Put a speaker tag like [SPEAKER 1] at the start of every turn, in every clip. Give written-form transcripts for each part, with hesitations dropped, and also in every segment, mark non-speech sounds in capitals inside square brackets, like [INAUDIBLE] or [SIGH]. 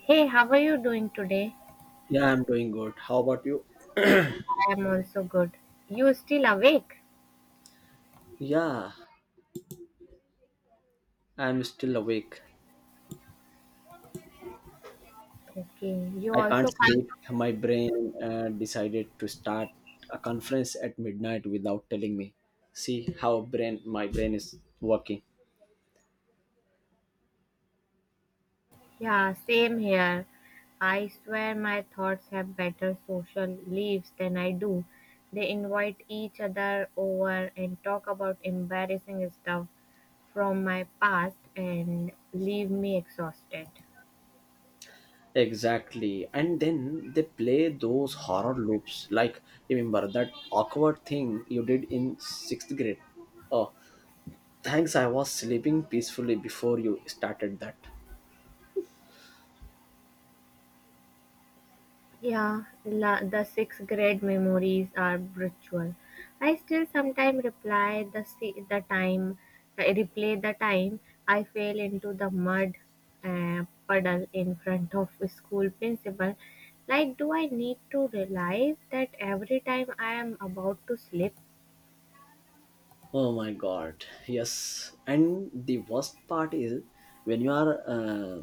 [SPEAKER 1] Hey, how are you doing today?
[SPEAKER 2] Yeah, I'm doing good. How about you?
[SPEAKER 1] I am also good. You still awake?
[SPEAKER 2] Yeah, I'm still awake.
[SPEAKER 1] Okay, you
[SPEAKER 2] I
[SPEAKER 1] also
[SPEAKER 2] can't
[SPEAKER 1] can't.
[SPEAKER 2] sleep. My brain decided to start a conference at midnight without telling me. See how brain my brain is working.
[SPEAKER 1] Yeah, same here. I swear my thoughts have better social leaves than I do. They invite each other over and talk about embarrassing stuff from my past and leave me exhausted.
[SPEAKER 2] Exactly. And then they play those horror loops. Like, remember that awkward thing you did in 6th grade. Oh, thanks, I was sleeping peacefully before you started that.
[SPEAKER 1] Yeah, the sixth grade memories are brutal. I still sometimes reply the time, I replay the time I fell into the mud puddle in front of the school principal. Like, do I need to realize that every time I am about to slip?
[SPEAKER 2] Oh my god, yes. And the worst part is, when you are uh,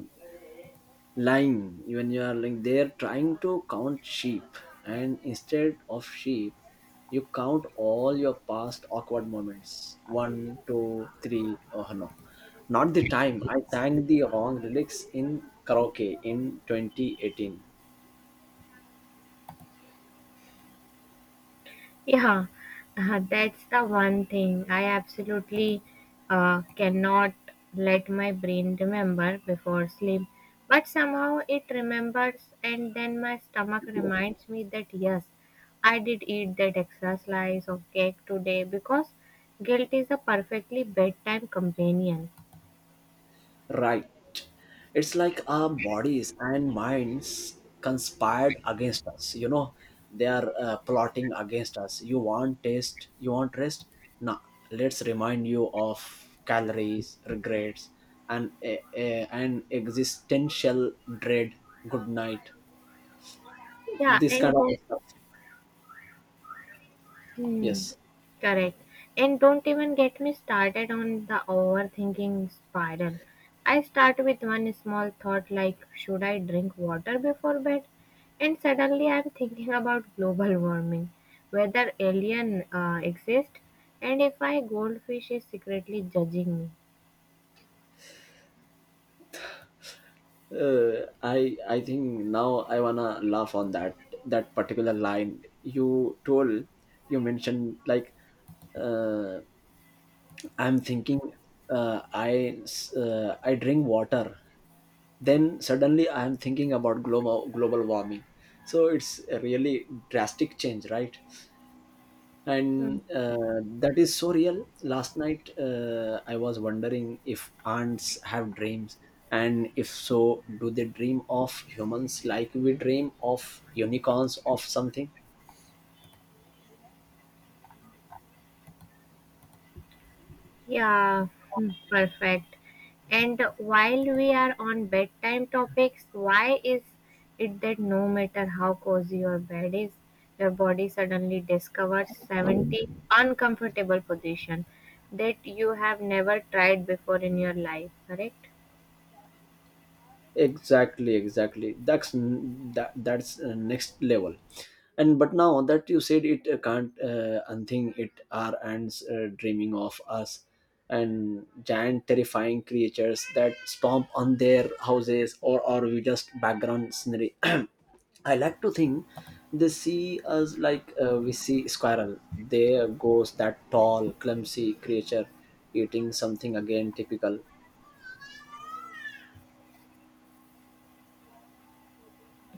[SPEAKER 2] lying, when you are like they're trying to count sheep, and instead of sheep, you count all your past awkward moments one, two, three. Oh no, not the time I sang the wrong lyrics in karaoke in 2018.
[SPEAKER 1] Yeah, that's the one thing I absolutely cannot let my brain remember before sleep. But somehow it remembers, and then my stomach reminds me that yes, I did eat that extra slice of cake today because guilt is a perfectly bedtime companion.
[SPEAKER 2] Right. It's like our bodies and minds conspired against us. They are plotting against us. You want taste, you want rest? Nah, let's remind you of calories, regrets, and an existential dread. Good night.
[SPEAKER 1] Yeah,
[SPEAKER 2] This
[SPEAKER 1] and
[SPEAKER 2] kind of
[SPEAKER 1] then
[SPEAKER 2] stuff.
[SPEAKER 1] hmm,
[SPEAKER 2] Yes.
[SPEAKER 1] correct. And don't even get me started on the overthinking spiral. I start with one small thought like, should I drink water before bed? And suddenly I'm thinking about global warming, whether alien exist, and if my goldfish is secretly judging me.
[SPEAKER 2] uh, I think now I wanna laugh on that particular line you told you mentioned like, uh, I'm thinking, uh, i I drink water, then suddenly I'm thinking about global warming. So it's a really drastic change, right? And that is so real. Last night, I was wondering if ants have dreams, and if so, do they dream of humans like we dream of unicorns of something.
[SPEAKER 1] Yeah, hmm, perfect. And while we are on bedtime topics, why is it that no matter how cozy your bed is, your body suddenly discovers 70 uncomfortable position that you have never tried before in your life, correct?
[SPEAKER 2] Exactly, exactly. That's n- that that's next level. And but now that you said it, can't unthink it. Are ants dreaming of us and giant terrifying creatures that stomp on their houses? Or we just background scenery? [CLEARS THROAT] I like to think they see us like, we see squirrel. There goes that tall, clumsy creature eating something again, typical.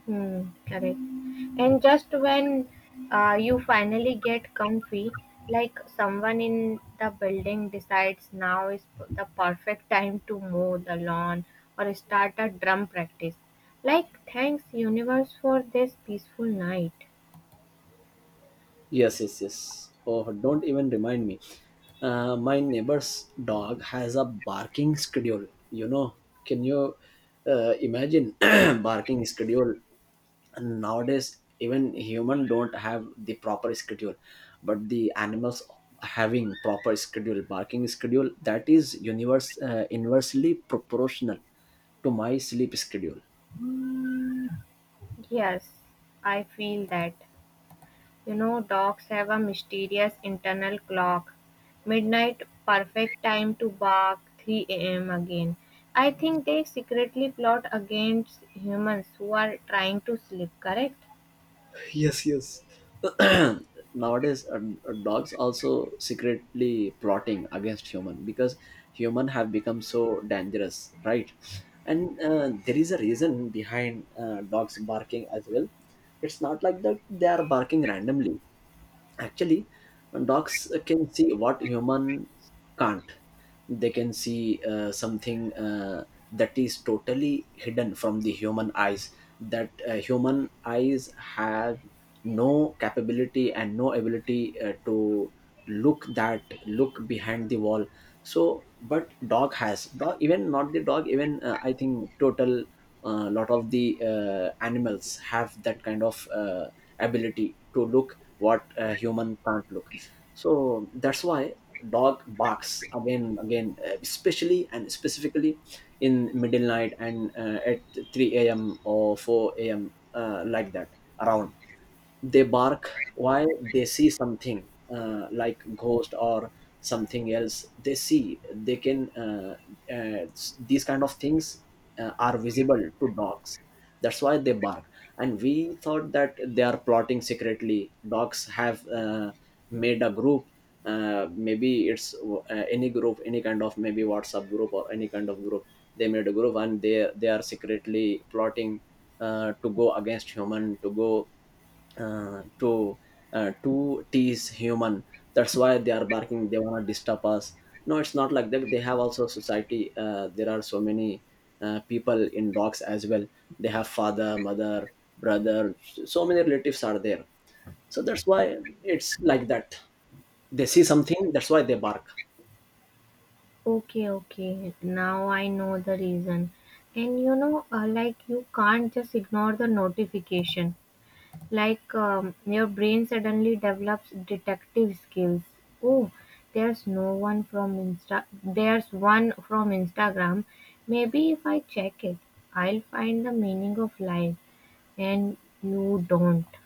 [SPEAKER 1] Hmm, correct. And just when you finally get comfy, like someone in the building decides now is the perfect time to mow the lawn or start a drum practice. Like, thanks, universe, for this peaceful night.
[SPEAKER 2] Yes, yes, yes. Oh, don't even remind me. My neighbor's dog has a barking schedule. Can you imagine [CLEARS THROAT] barking schedule? And nowadays, even human don't have the proper schedule, but the animals having proper schedule, barking schedule, that is universe inversely proportional to my sleep schedule.
[SPEAKER 1] Yes, I feel that. You know, dogs have a mysterious internal clock. Midnight, perfect time to bark, 3 a.m. again. I think they secretly plot against humans who are trying to sleep, correct?
[SPEAKER 2] [LAUGHS] Yes, yes. [CLEARS THROAT] Nowadays, dogs also secretly plotting against human, because human have become so dangerous, right? And there is a reason behind dogs barking as well. It's not like that they are barking randomly. Actually, dogs can see what humans can't. They can see something, that is totally hidden from the human eyes. That human eyes have no capability and no ability to look behind the wall. So but dog has, dog even, not the dog even, I think total, lot of the animals have that kind of ability to look what a human can't look. So that's why dog barks again, again, especially and specifically in middle night, and at 3 a.m or 4 a.m, like that around, they bark. Why? They see something, like ghost or something else they see. They can uh, these kind of things are visible to dogs. That's why they bark. And we thought that they are plotting secretly, dogs have made a group. Maybe it's any group, any kind of, maybe WhatsApp group or any kind of group. They made a group, and they are secretly plotting to go against human, to go uh, to to tease human. That's why they are barking, they want to disturb us. No, it's not like that. They have also society, there are so many people in dogs as well. They have father, mother, brother, so many relatives are there. So that's why, it's like that, they see something, that's why they bark.
[SPEAKER 1] Okay, okay. Now I know the reason. And you know, like you can't just ignore the notification. Like, your brain suddenly develops detective skills. Oh, there's no one from insta there's one from Instagram. Maybe if I check it, I'll find the meaning of life. And you don't.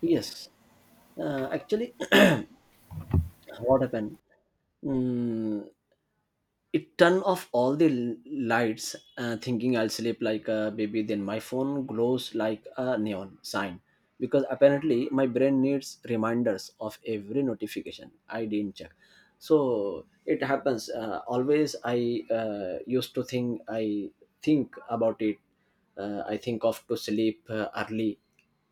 [SPEAKER 2] Yes, actually, [CLEARS THROAT] what happened? Mm, it turned off all the lights, thinking I'll sleep like a baby. Then my phone glows like a neon sign, because apparently my brain needs reminders of every notification I didn't check. So it happens, always I, used to think, I think about it, I think of to sleep, early,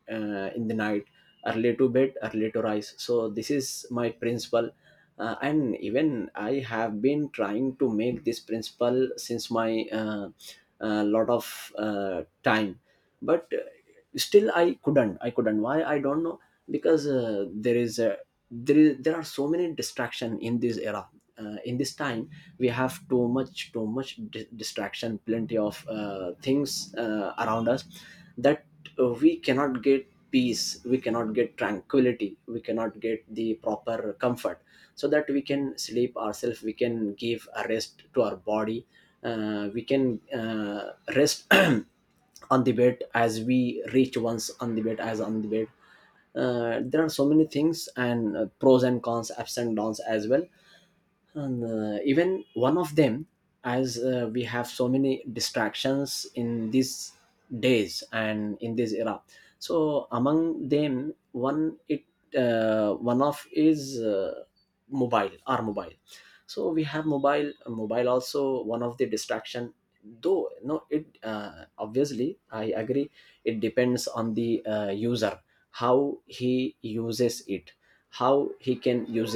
[SPEAKER 2] in the night. Early to bed, early to rise, so this is my principle. And even I have been trying to make this principle since my, lot of time. But still, I couldn't, why, I don't know. Because there is a there, there are so many distraction in this era, in this time. We have distraction, plenty of things around us. That we cannot get peace, we cannot get tranquility, we cannot get the proper comfort, so that we can sleep ourselves, we can give a rest to our body. We can rest [CLEARS THROAT] on the bed. As we reach once on the bed, as on the bed, there are so many things, and pros and cons, ups and downs as well. Even one of them, as we have so many distractions in these days and in this era. So among them, one of is, mobile, our mobile. So we have mobile, mobile also one of the distraction. Though no, it obviously, I agree, it depends on the user, how he uses it, how he can use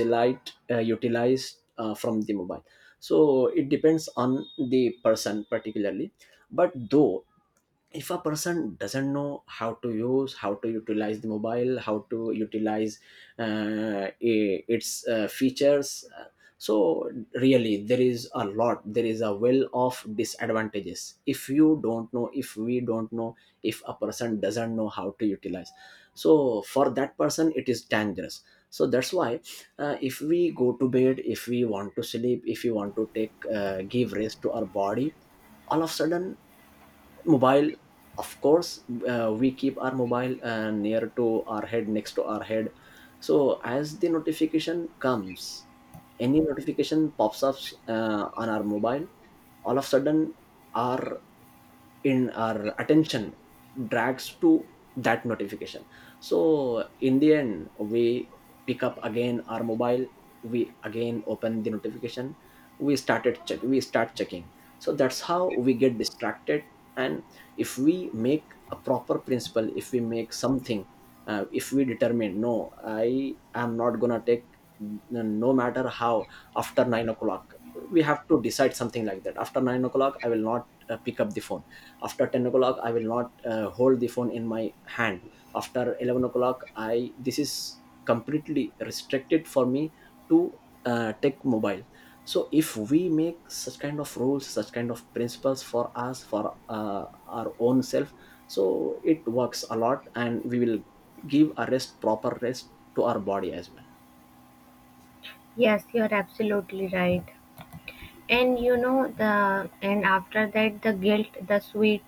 [SPEAKER 2] utilize from the mobile. So it depends on the person particularly. But though, if a person doesn't know how to use, how to utilize the mobile, how to utilize, its features, so really, there is a lot, there is a well of disadvantages, if you don't know, if we don't know, if a person doesn't know how to utilize, so for that person it is dangerous. So that's why, if we go to bed, if we want to sleep, if we want to take, give rest to our body, all of a sudden mobile, of course, we keep our mobile near to our head, next to our head. So as the notification comes, any notification pops up on our mobile, all of a sudden, our, in our attention drags to that notification. So in the end, we pick up again our mobile, we again open the notification, we started check we start checking. So that's how we get distracted. And if we make a proper principle, if we make something, if we determine, no, I am not gonna take, no matter how, after 9 o'clock. We have to decide something like that, after 9 o'clock I will not pick up the phone. After 10 o'clock I will not hold the phone in my hand. After 11 o'clock, I this is completely restricted for me to take mobile. So if we make such kind of rules, such kind of principles for us, for our own self, so it works a lot, and we will give a rest, proper rest to our body as well.
[SPEAKER 1] Yes, you're absolutely right. And you know, the and after that, the guilt, the sweet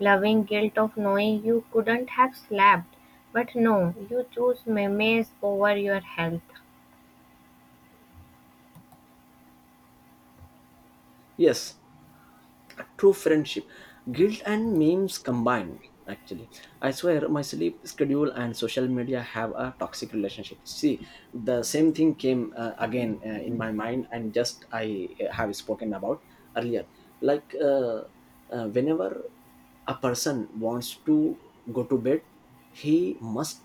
[SPEAKER 1] loving guilt of knowing you couldn't have slept, but no, you choose memes over your health.
[SPEAKER 2] Yes, true friendship, guilt and memes combined. Actually, I swear my sleep schedule and social media have a toxic relationship, see. The same thing came again in my mind, and just I have spoken about earlier. Like, whenever a person wants to go to bed, he must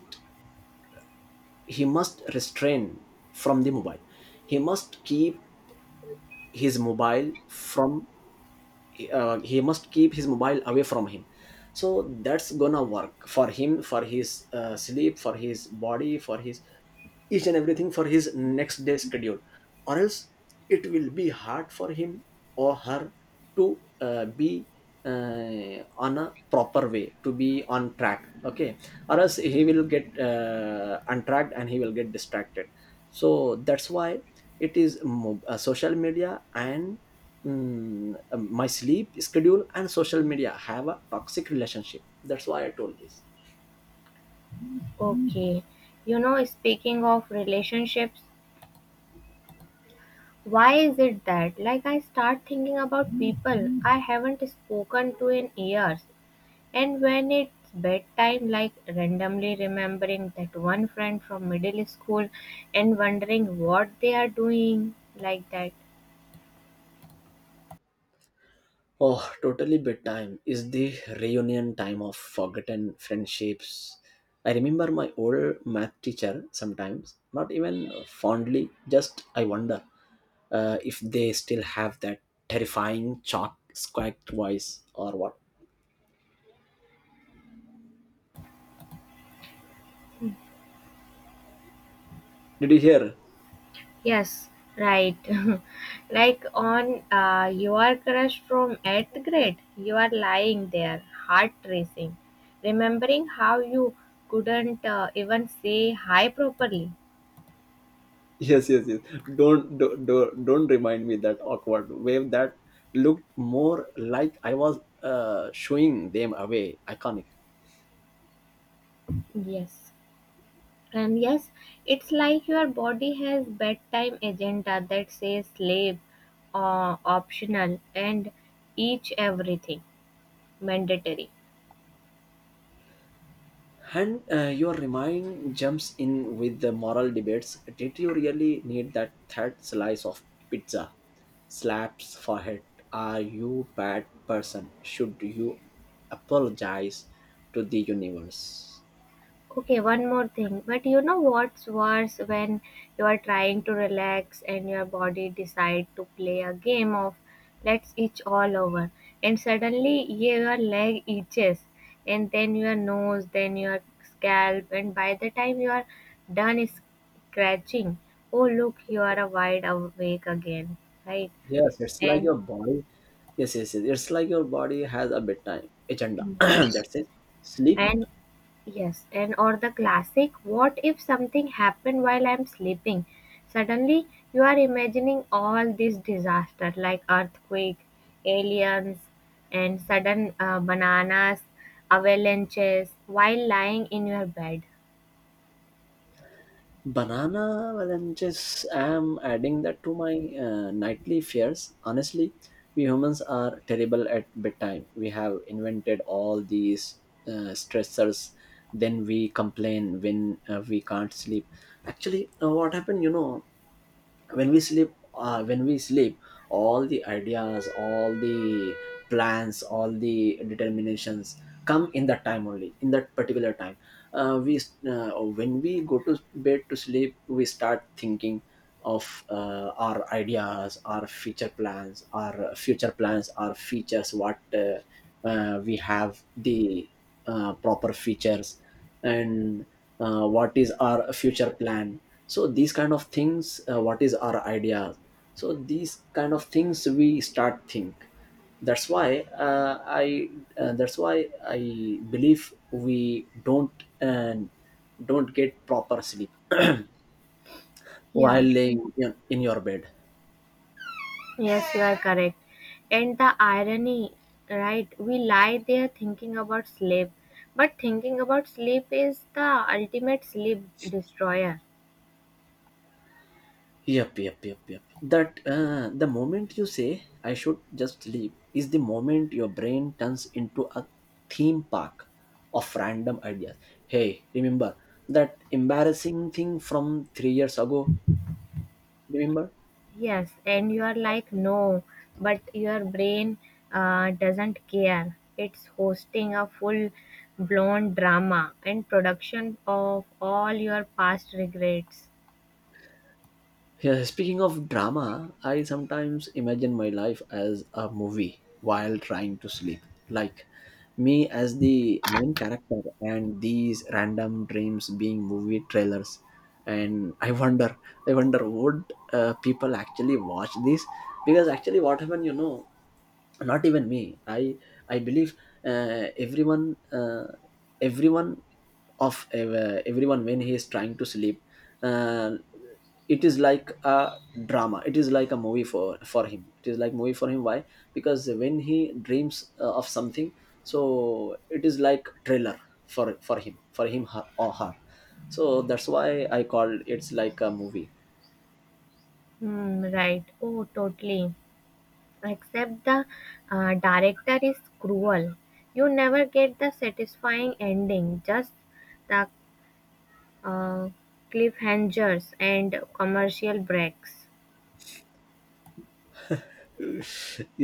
[SPEAKER 2] he must restrain from the mobile. He must keep his mobile from, he must keep his mobile away from him. So that's gonna work for him, for his sleep, for his body, for his each and everything, for his next day schedule. Or else it will be hard for him or her to be on a proper way, to be on track, okay. Or else he will get untracked, and he will get distracted. So that's why, it is social media, and my sleep schedule and social media have a toxic relationship. That's why I told this.
[SPEAKER 1] Okay. You know, speaking of relationships, why is it that, like, I start thinking about people I haven't spoken to in years, and when it's bedtime, like, randomly remembering that one friend from middle school and wondering what they are doing, like that.
[SPEAKER 2] Oh, totally. Bedtime is the reunion time of forgotten friendships. I remember my old math teacher sometimes, not even fondly, just I wonder if they still have that terrifying chalk squawk voice or what. Did you hear?
[SPEAKER 1] Yes, right. [LAUGHS] Like, on you are crushed from 8th grade, you are lying there, heart racing, remembering how you couldn't even say hi properly.
[SPEAKER 2] Yes, yes, yes. Don't remind me that awkward wave that looked more like I was shooing them away. Iconic.
[SPEAKER 1] Yes. And yes, it's like your body has bedtime agenda that says sleep, optional, and each everything mandatory.
[SPEAKER 2] And your remind jumps in with the moral debates. Did you really need that third slice of pizza? Slaps forehead. Are you bad person? Should you apologize to the universe?
[SPEAKER 1] Okay, one more thing. But you know what's worse? When you are trying to relax and your body decide to play a game of let's itch all over, and suddenly your leg itches and then your nose, then your scalp, and by the time you are done scratching, oh look, you are a wide awake again, right?
[SPEAKER 2] Yes, it's like
[SPEAKER 1] And
[SPEAKER 2] your body. Yes, yes, yes. It's like your body has a bedtime agenda. [CLEARS THROAT]
[SPEAKER 1] mhm.
[SPEAKER 2] That's it. Sleep.
[SPEAKER 1] And yes, and or the classic, what if something happened while I'm sleeping? Suddenly you are imagining all this disaster like earthquake, aliens, and sudden bananas, avalanches while lying in your bed.
[SPEAKER 2] Banana avalanches. I'm adding that to my nightly fears. Honestly, we humans are terrible at bedtime. We have invented all these stressors. Then we complain when we can't sleep. Actually, what happened? You know, when we sleep all the ideas, all the plans, all the determinations come in that time only, in that particular time. We uh, when we go to bed to sleep, we start thinking of our ideas, our future plans, our features. What We have the proper features, and what is our future plan. So these kind of things, what is our idea. So these kind of things we start think. That's why I that's why I believe we don't and don't get proper sleep. [CLEARS THROAT]
[SPEAKER 1] Yeah,
[SPEAKER 2] While laying in your bed.
[SPEAKER 1] yes, you are correct. And the irony, right? We lie there thinking about sleep, but thinking about sleep is the ultimate sleep destroyer.
[SPEAKER 2] Yep, yep, yep, yep. That, the moment you say I should just leave is the moment your brain turns into a theme park of random ideas. Hey, remember that embarrassing thing from 3 years ago? Remember?
[SPEAKER 1] Yes, and you are like, no, but your brain doesn't care. It's hosting a full blown drama and production of all your past regrets.
[SPEAKER 2] Yeah, speaking of drama, I sometimes imagine my life as a movie while trying to sleep. Like me as the main character and these random dreams being movie trailers. And I wonder, would people actually watch this? Because actually, what happened, you know, not even me. I i believe uh, everyone uh, everyone everyone, when he is trying to sleep, uh, it is like a drama, it is like a movie for him, it is like movie for him. Why? Because when he dreams of something, so it is like trailer for him, her, or her. So that's why I call it's like a movie.
[SPEAKER 1] Hmm, right. Oh, totally. Except the director is cruel. You never get the satisfying ending, just the uh, cliffhangers and commercial breaks.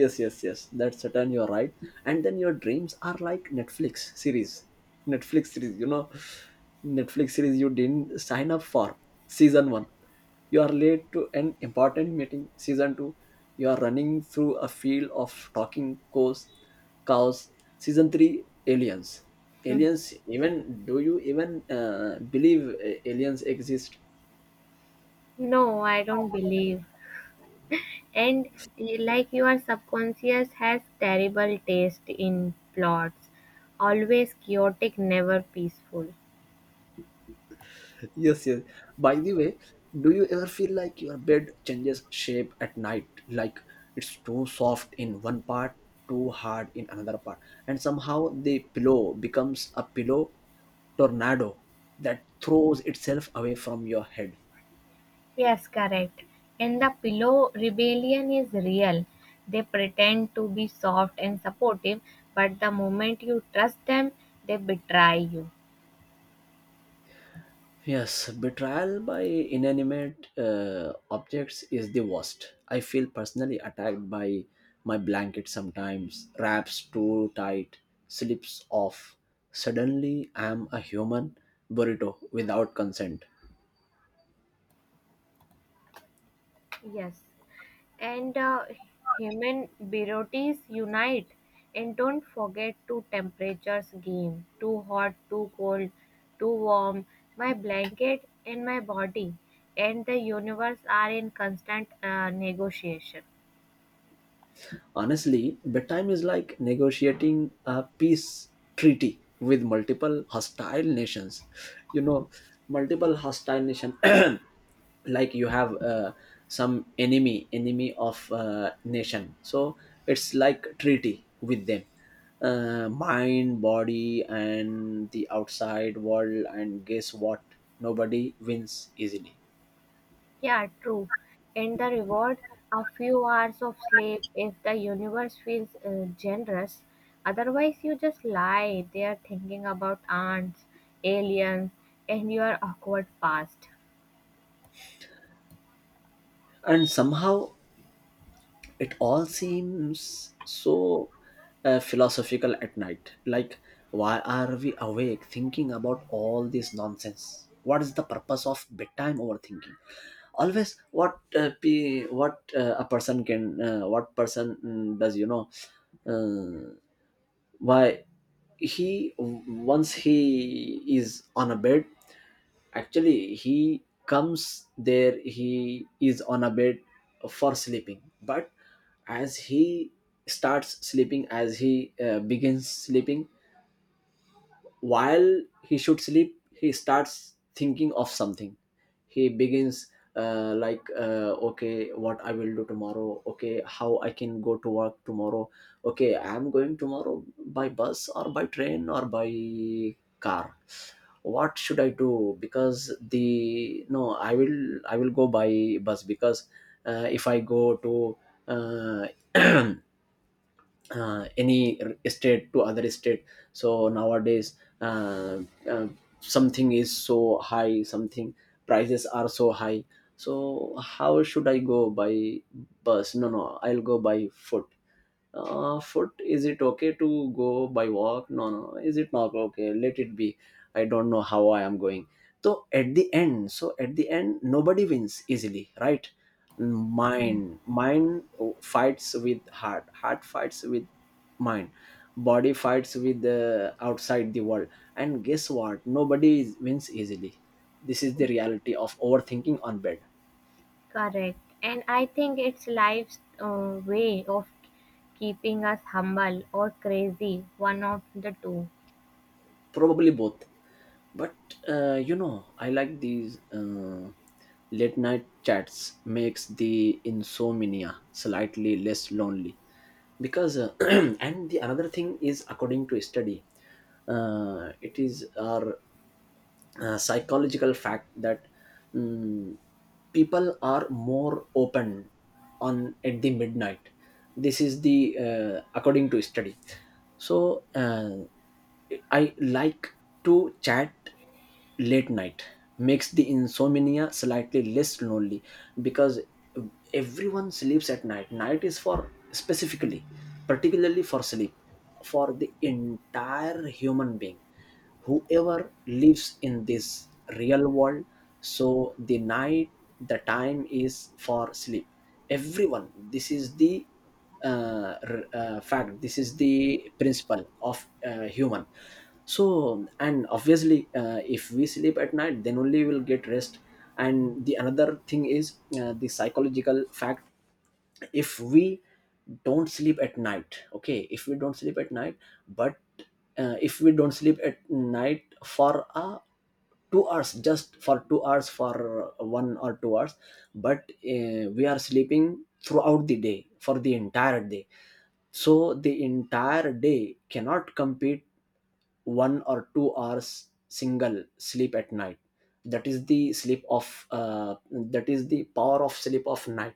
[SPEAKER 2] Yes, yes, yes, that's certain, you're right. And then your dreams are like Netflix series, you know, Netflix series you didn't sign up for. Season 1, you are late to an important meeting. Season 2, you are running through a field of talking cows, cows season 3, aliens,
[SPEAKER 1] Hmm.
[SPEAKER 2] aliens even, do you even believe aliens exist?
[SPEAKER 1] No, I don't believe. And like your subconscious has terrible taste in plots, always chaotic, never peaceful.
[SPEAKER 2] Yes, yes. By the way, do you ever feel like your bed changes shape at night? Like it's too soft in one part, too hard in another part, and somehow the pillow becomes a pillow tornado that throws itself away from your head.
[SPEAKER 1] Yes, correct. And the pillow rebellion is real. They pretend to be soft and supportive, but the moment you trust them, they betray you.
[SPEAKER 2] Yes, betrayal by inanimate objects is the worst. I feel personally attacked by my blanket sometimes, wraps too tight, slips off. Suddenly, I am a human burrito without consent.
[SPEAKER 1] Yes. And human beauties unite, and don't forget to temperatures game, too hot, too cold, too warm. My blanket and my body and the universe are in constant negotiation.
[SPEAKER 2] Honestly, bedtime is like negotiating a peace treaty with multiple hostile nations. You know, multiple hostile nation. [CLEARS THROAT] Like you have some enemy of nation, so it's like treaty with them. Mind, body and the outside world, and guess what? Nobody wins easily.
[SPEAKER 1] Yeah, true. And the reward, a few hours of sleep if the universe feels generous, otherwise you just lie there thinking about ants, aliens, and your awkward past.
[SPEAKER 2] And somehow it all seems so philosophical at night, like why are we awake thinking about all this nonsense? What is the purpose of bedtime overthinking? Always what pe- what a person can, what person does, you know? uh, why? He Once he is on a bed, actually, he comes there, he is on a bed for sleeping, but as he starts sleeping, as he begins sleeping, while he should sleep, he starts thinking of something. He begins like okay, what I will do tomorrow, okay, how I can go to work tomorrow, okay, I am going tomorrow by bus or by train or by car, what should I do? Because the no, I will, go by bus, because if I go to uh, [CLEARS THROAT] state to other state, so nowadays, uh, uh, something, prices are so high, so how should I go? By bus? No, no, I'll go by foot. Foot, is it okay to go by walk? No, no, no, is it not okay, let it be. I don't know how I am going. So at the end, nobody wins easily, right? Mind, fights with heart, heart fights with mind, body fights with the outside the world, and guess what? Wins easily. This is the reality of overthinking on bed.
[SPEAKER 1] Correct. And I think it's life's way of keeping us humble or crazy, one of the two.
[SPEAKER 2] Probably both. But you know, I like these late night chats. Makes the insomnia slightly less lonely, because [CLEARS THROAT] and the another thing is, according to a study, it is our psychological fact that, mm, people are more open on at the midnight. This is the, according to study. So I like to chat late night, makes the insomnia slightly less lonely, because everyone sleeps at night. Night is for specifically, particularly for sleep, for the entire human being, whoever lives in this real world. So the night, the time is for sleep, everyone. This is the fact, this is the principle of human. So, and obviously if we sleep at night, then only we'll get rest. And the another thing is the psychological fact. If we don't sleep at night, okay, if we don't sleep at night, but if we don't sleep at night for a 2 hours, just for 2 hours, for 1 or 2 hours, but we are sleeping throughout the day, for the entire day, so the entire day cannot compete 1 or 2 hours single sleep at night. That is the sleep of that is the power of sleep of night.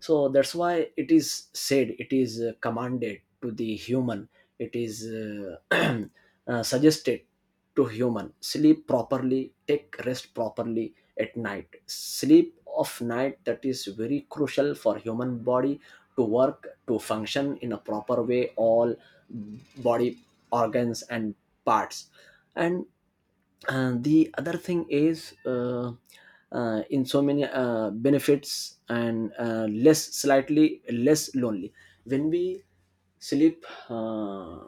[SPEAKER 2] So that's why it is said, it is commanded to the human, it is [CLEARS THROAT] suggested to human, sleep properly, take rest properly. At night, sleep of night, that is very crucial for human body to work, to function in a proper way, all body organs and parts. And the other thing is in so many benefits and less slightly less lonely. When we sleep,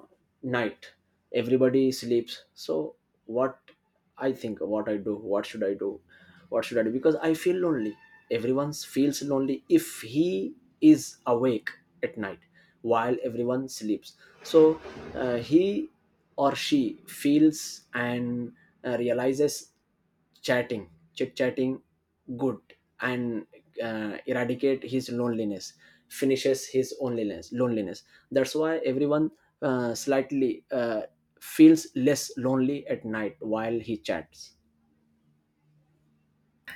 [SPEAKER 2] night, everybody sleeps, so what? I think, what I do, what should I do, Because I feel lonely. Everyone feels lonely if he is awake at night while everyone sleeps. So he or she feels and realizes chatting, chit chatting, good, and eradicate his loneliness, finishes his loneliness. That's why everyone slightly feels less lonely at night while he chats.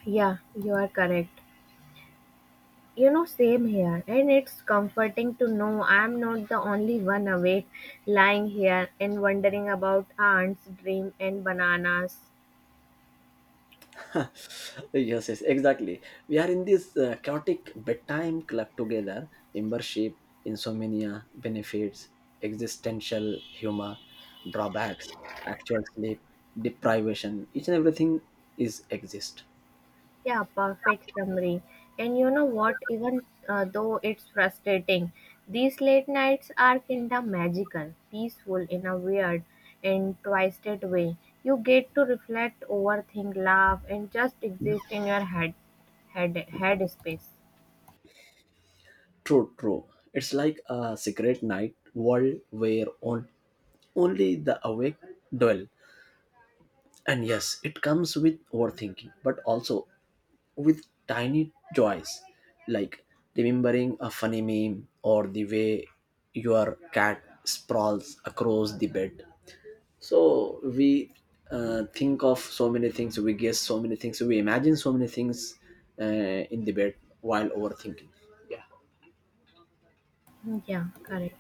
[SPEAKER 1] Yeah, you are correct. You know, same here. And it's comforting to know I'm not the only one awake lying here and wondering about ants, dream, and bananas.
[SPEAKER 2] [LAUGHS] Yes, yes, exactly. We are in this chaotic bedtime club together. Membership, insomnia, benefits, existential humor, drawbacks, actual sleep, deprivation. Each and everything is exist.
[SPEAKER 1] Yeah, perfect summary. And you know what? Even though it's frustrating, these late nights are kinda magical, peaceful in a weird and twisted way. You get to reflect, overthink, laugh, and just exist in your head space.
[SPEAKER 2] True, true. It's like a secret night world where only the awake dwell. And yes, it comes with overthinking, but also with tiny joys, like remembering a funny meme or the way your cat sprawls across the bed. So we think of so many things, we guess so many things, we imagine so many things uh, in the bed while overthinking.
[SPEAKER 1] Yeah, correct.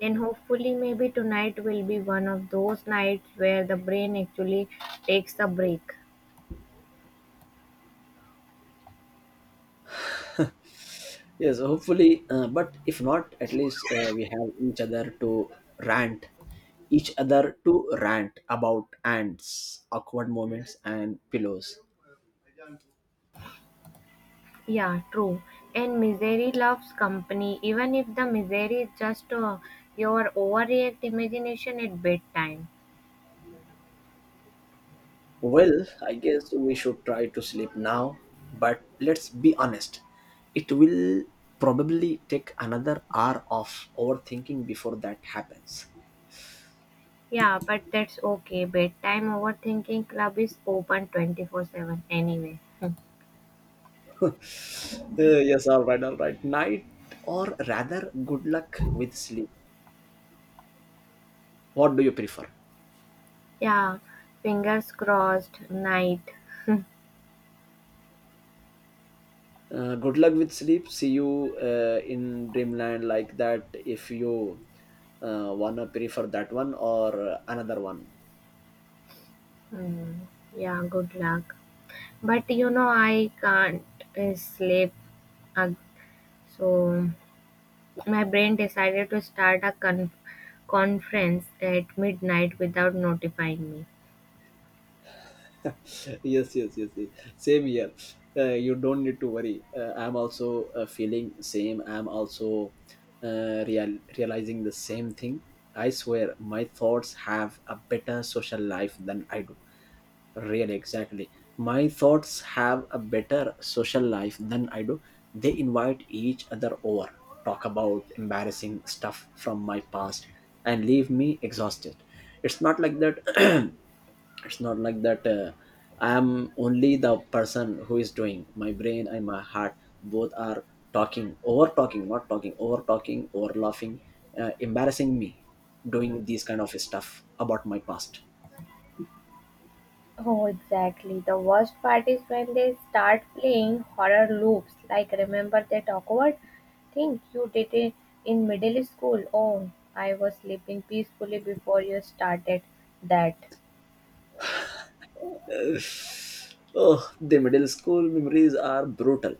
[SPEAKER 1] And hopefully, maybe tonight will be one of those nights where the brain actually takes a break.
[SPEAKER 2] Yes, hopefully, but if not, at least we have each other to rant, about ants, awkward moments and pillows.
[SPEAKER 1] Yeah, true. And misery loves company, even if the misery is just your overreact imagination at bedtime.
[SPEAKER 2] Well, I guess we should try to sleep now, but let's be honest. It will probably take another hour of overthinking before that happens.
[SPEAKER 1] Yeah, but that's okay. Bedtime overthinking club is open 24/7 anyway. [LAUGHS]
[SPEAKER 2] [LAUGHS] Yes, all right, all right. Night, or rather, good luck with sleep. What do you prefer?
[SPEAKER 1] Yeah, fingers crossed, night.
[SPEAKER 2] Good luck with sleep. See you in dreamland, like that, if you wanna prefer that one or another one.
[SPEAKER 1] Mm, yeah, good luck. But you know, I can't sleep. ag- so my brain decided to start a conference at midnight without notifying me.
[SPEAKER 2] Yes, yes, yes, yes, same here. You don't need to worry, I'm also feeling same, I'm also realizing the same thing. I swear my thoughts have a better social life than I do. Really, exactly, my thoughts have a better social life than I do. They invite each other over, talk about embarrassing stuff from my past and leave me exhausted. It's not like that, [CLEARS THROAT] it's not like that, I am only the person who is doing, my brain and my heart both are talking over talking not talking over, talking over, laughing, embarrassing me, doing these kind of stuff about my past.
[SPEAKER 1] Oh, exactly. The worst part is when they start playing horror loops, like remember that awkward thing you did it in middle school? Oh, I was sleeping peacefully before you started that.
[SPEAKER 2] Oh, the middle school memories are brutal.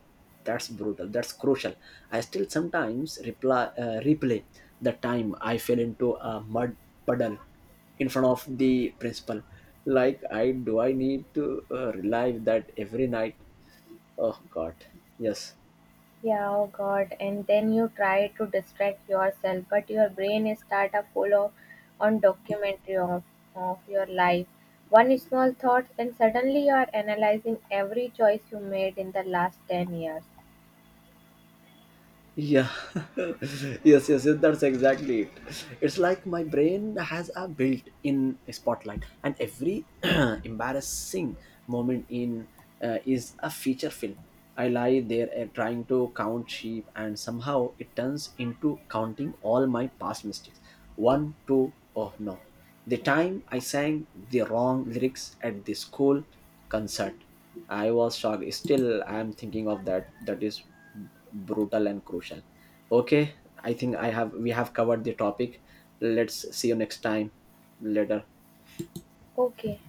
[SPEAKER 2] That's brutal. That's crucial. I still sometimes replay the time I fell into a mud puddle in front of the principal. Like, I need to relive that every night? Oh God, yes.
[SPEAKER 1] Yeah, oh God. And then you try to distract yourself, but your brain is start a full of on documentary of your life. One small thought, and suddenly you are analyzing every choice you made in the last 10 years.
[SPEAKER 2] Yeah, [LAUGHS] yes, yes, yes, that's exactly it. It's like my brain has a built in spotlight, and every [CLEARS THROAT] embarrassing moment in is a feature film. I lie there trying to count sheep, and somehow it turns into counting all my past mistakes. One, two, oh no. The time I sang the wrong lyrics at the school concert, I was shocked. Still, I'm thinking of that. That is brutal and crucial. Okay, I think I have we have covered the topic. Let's see you next time. Later.
[SPEAKER 1] Okay.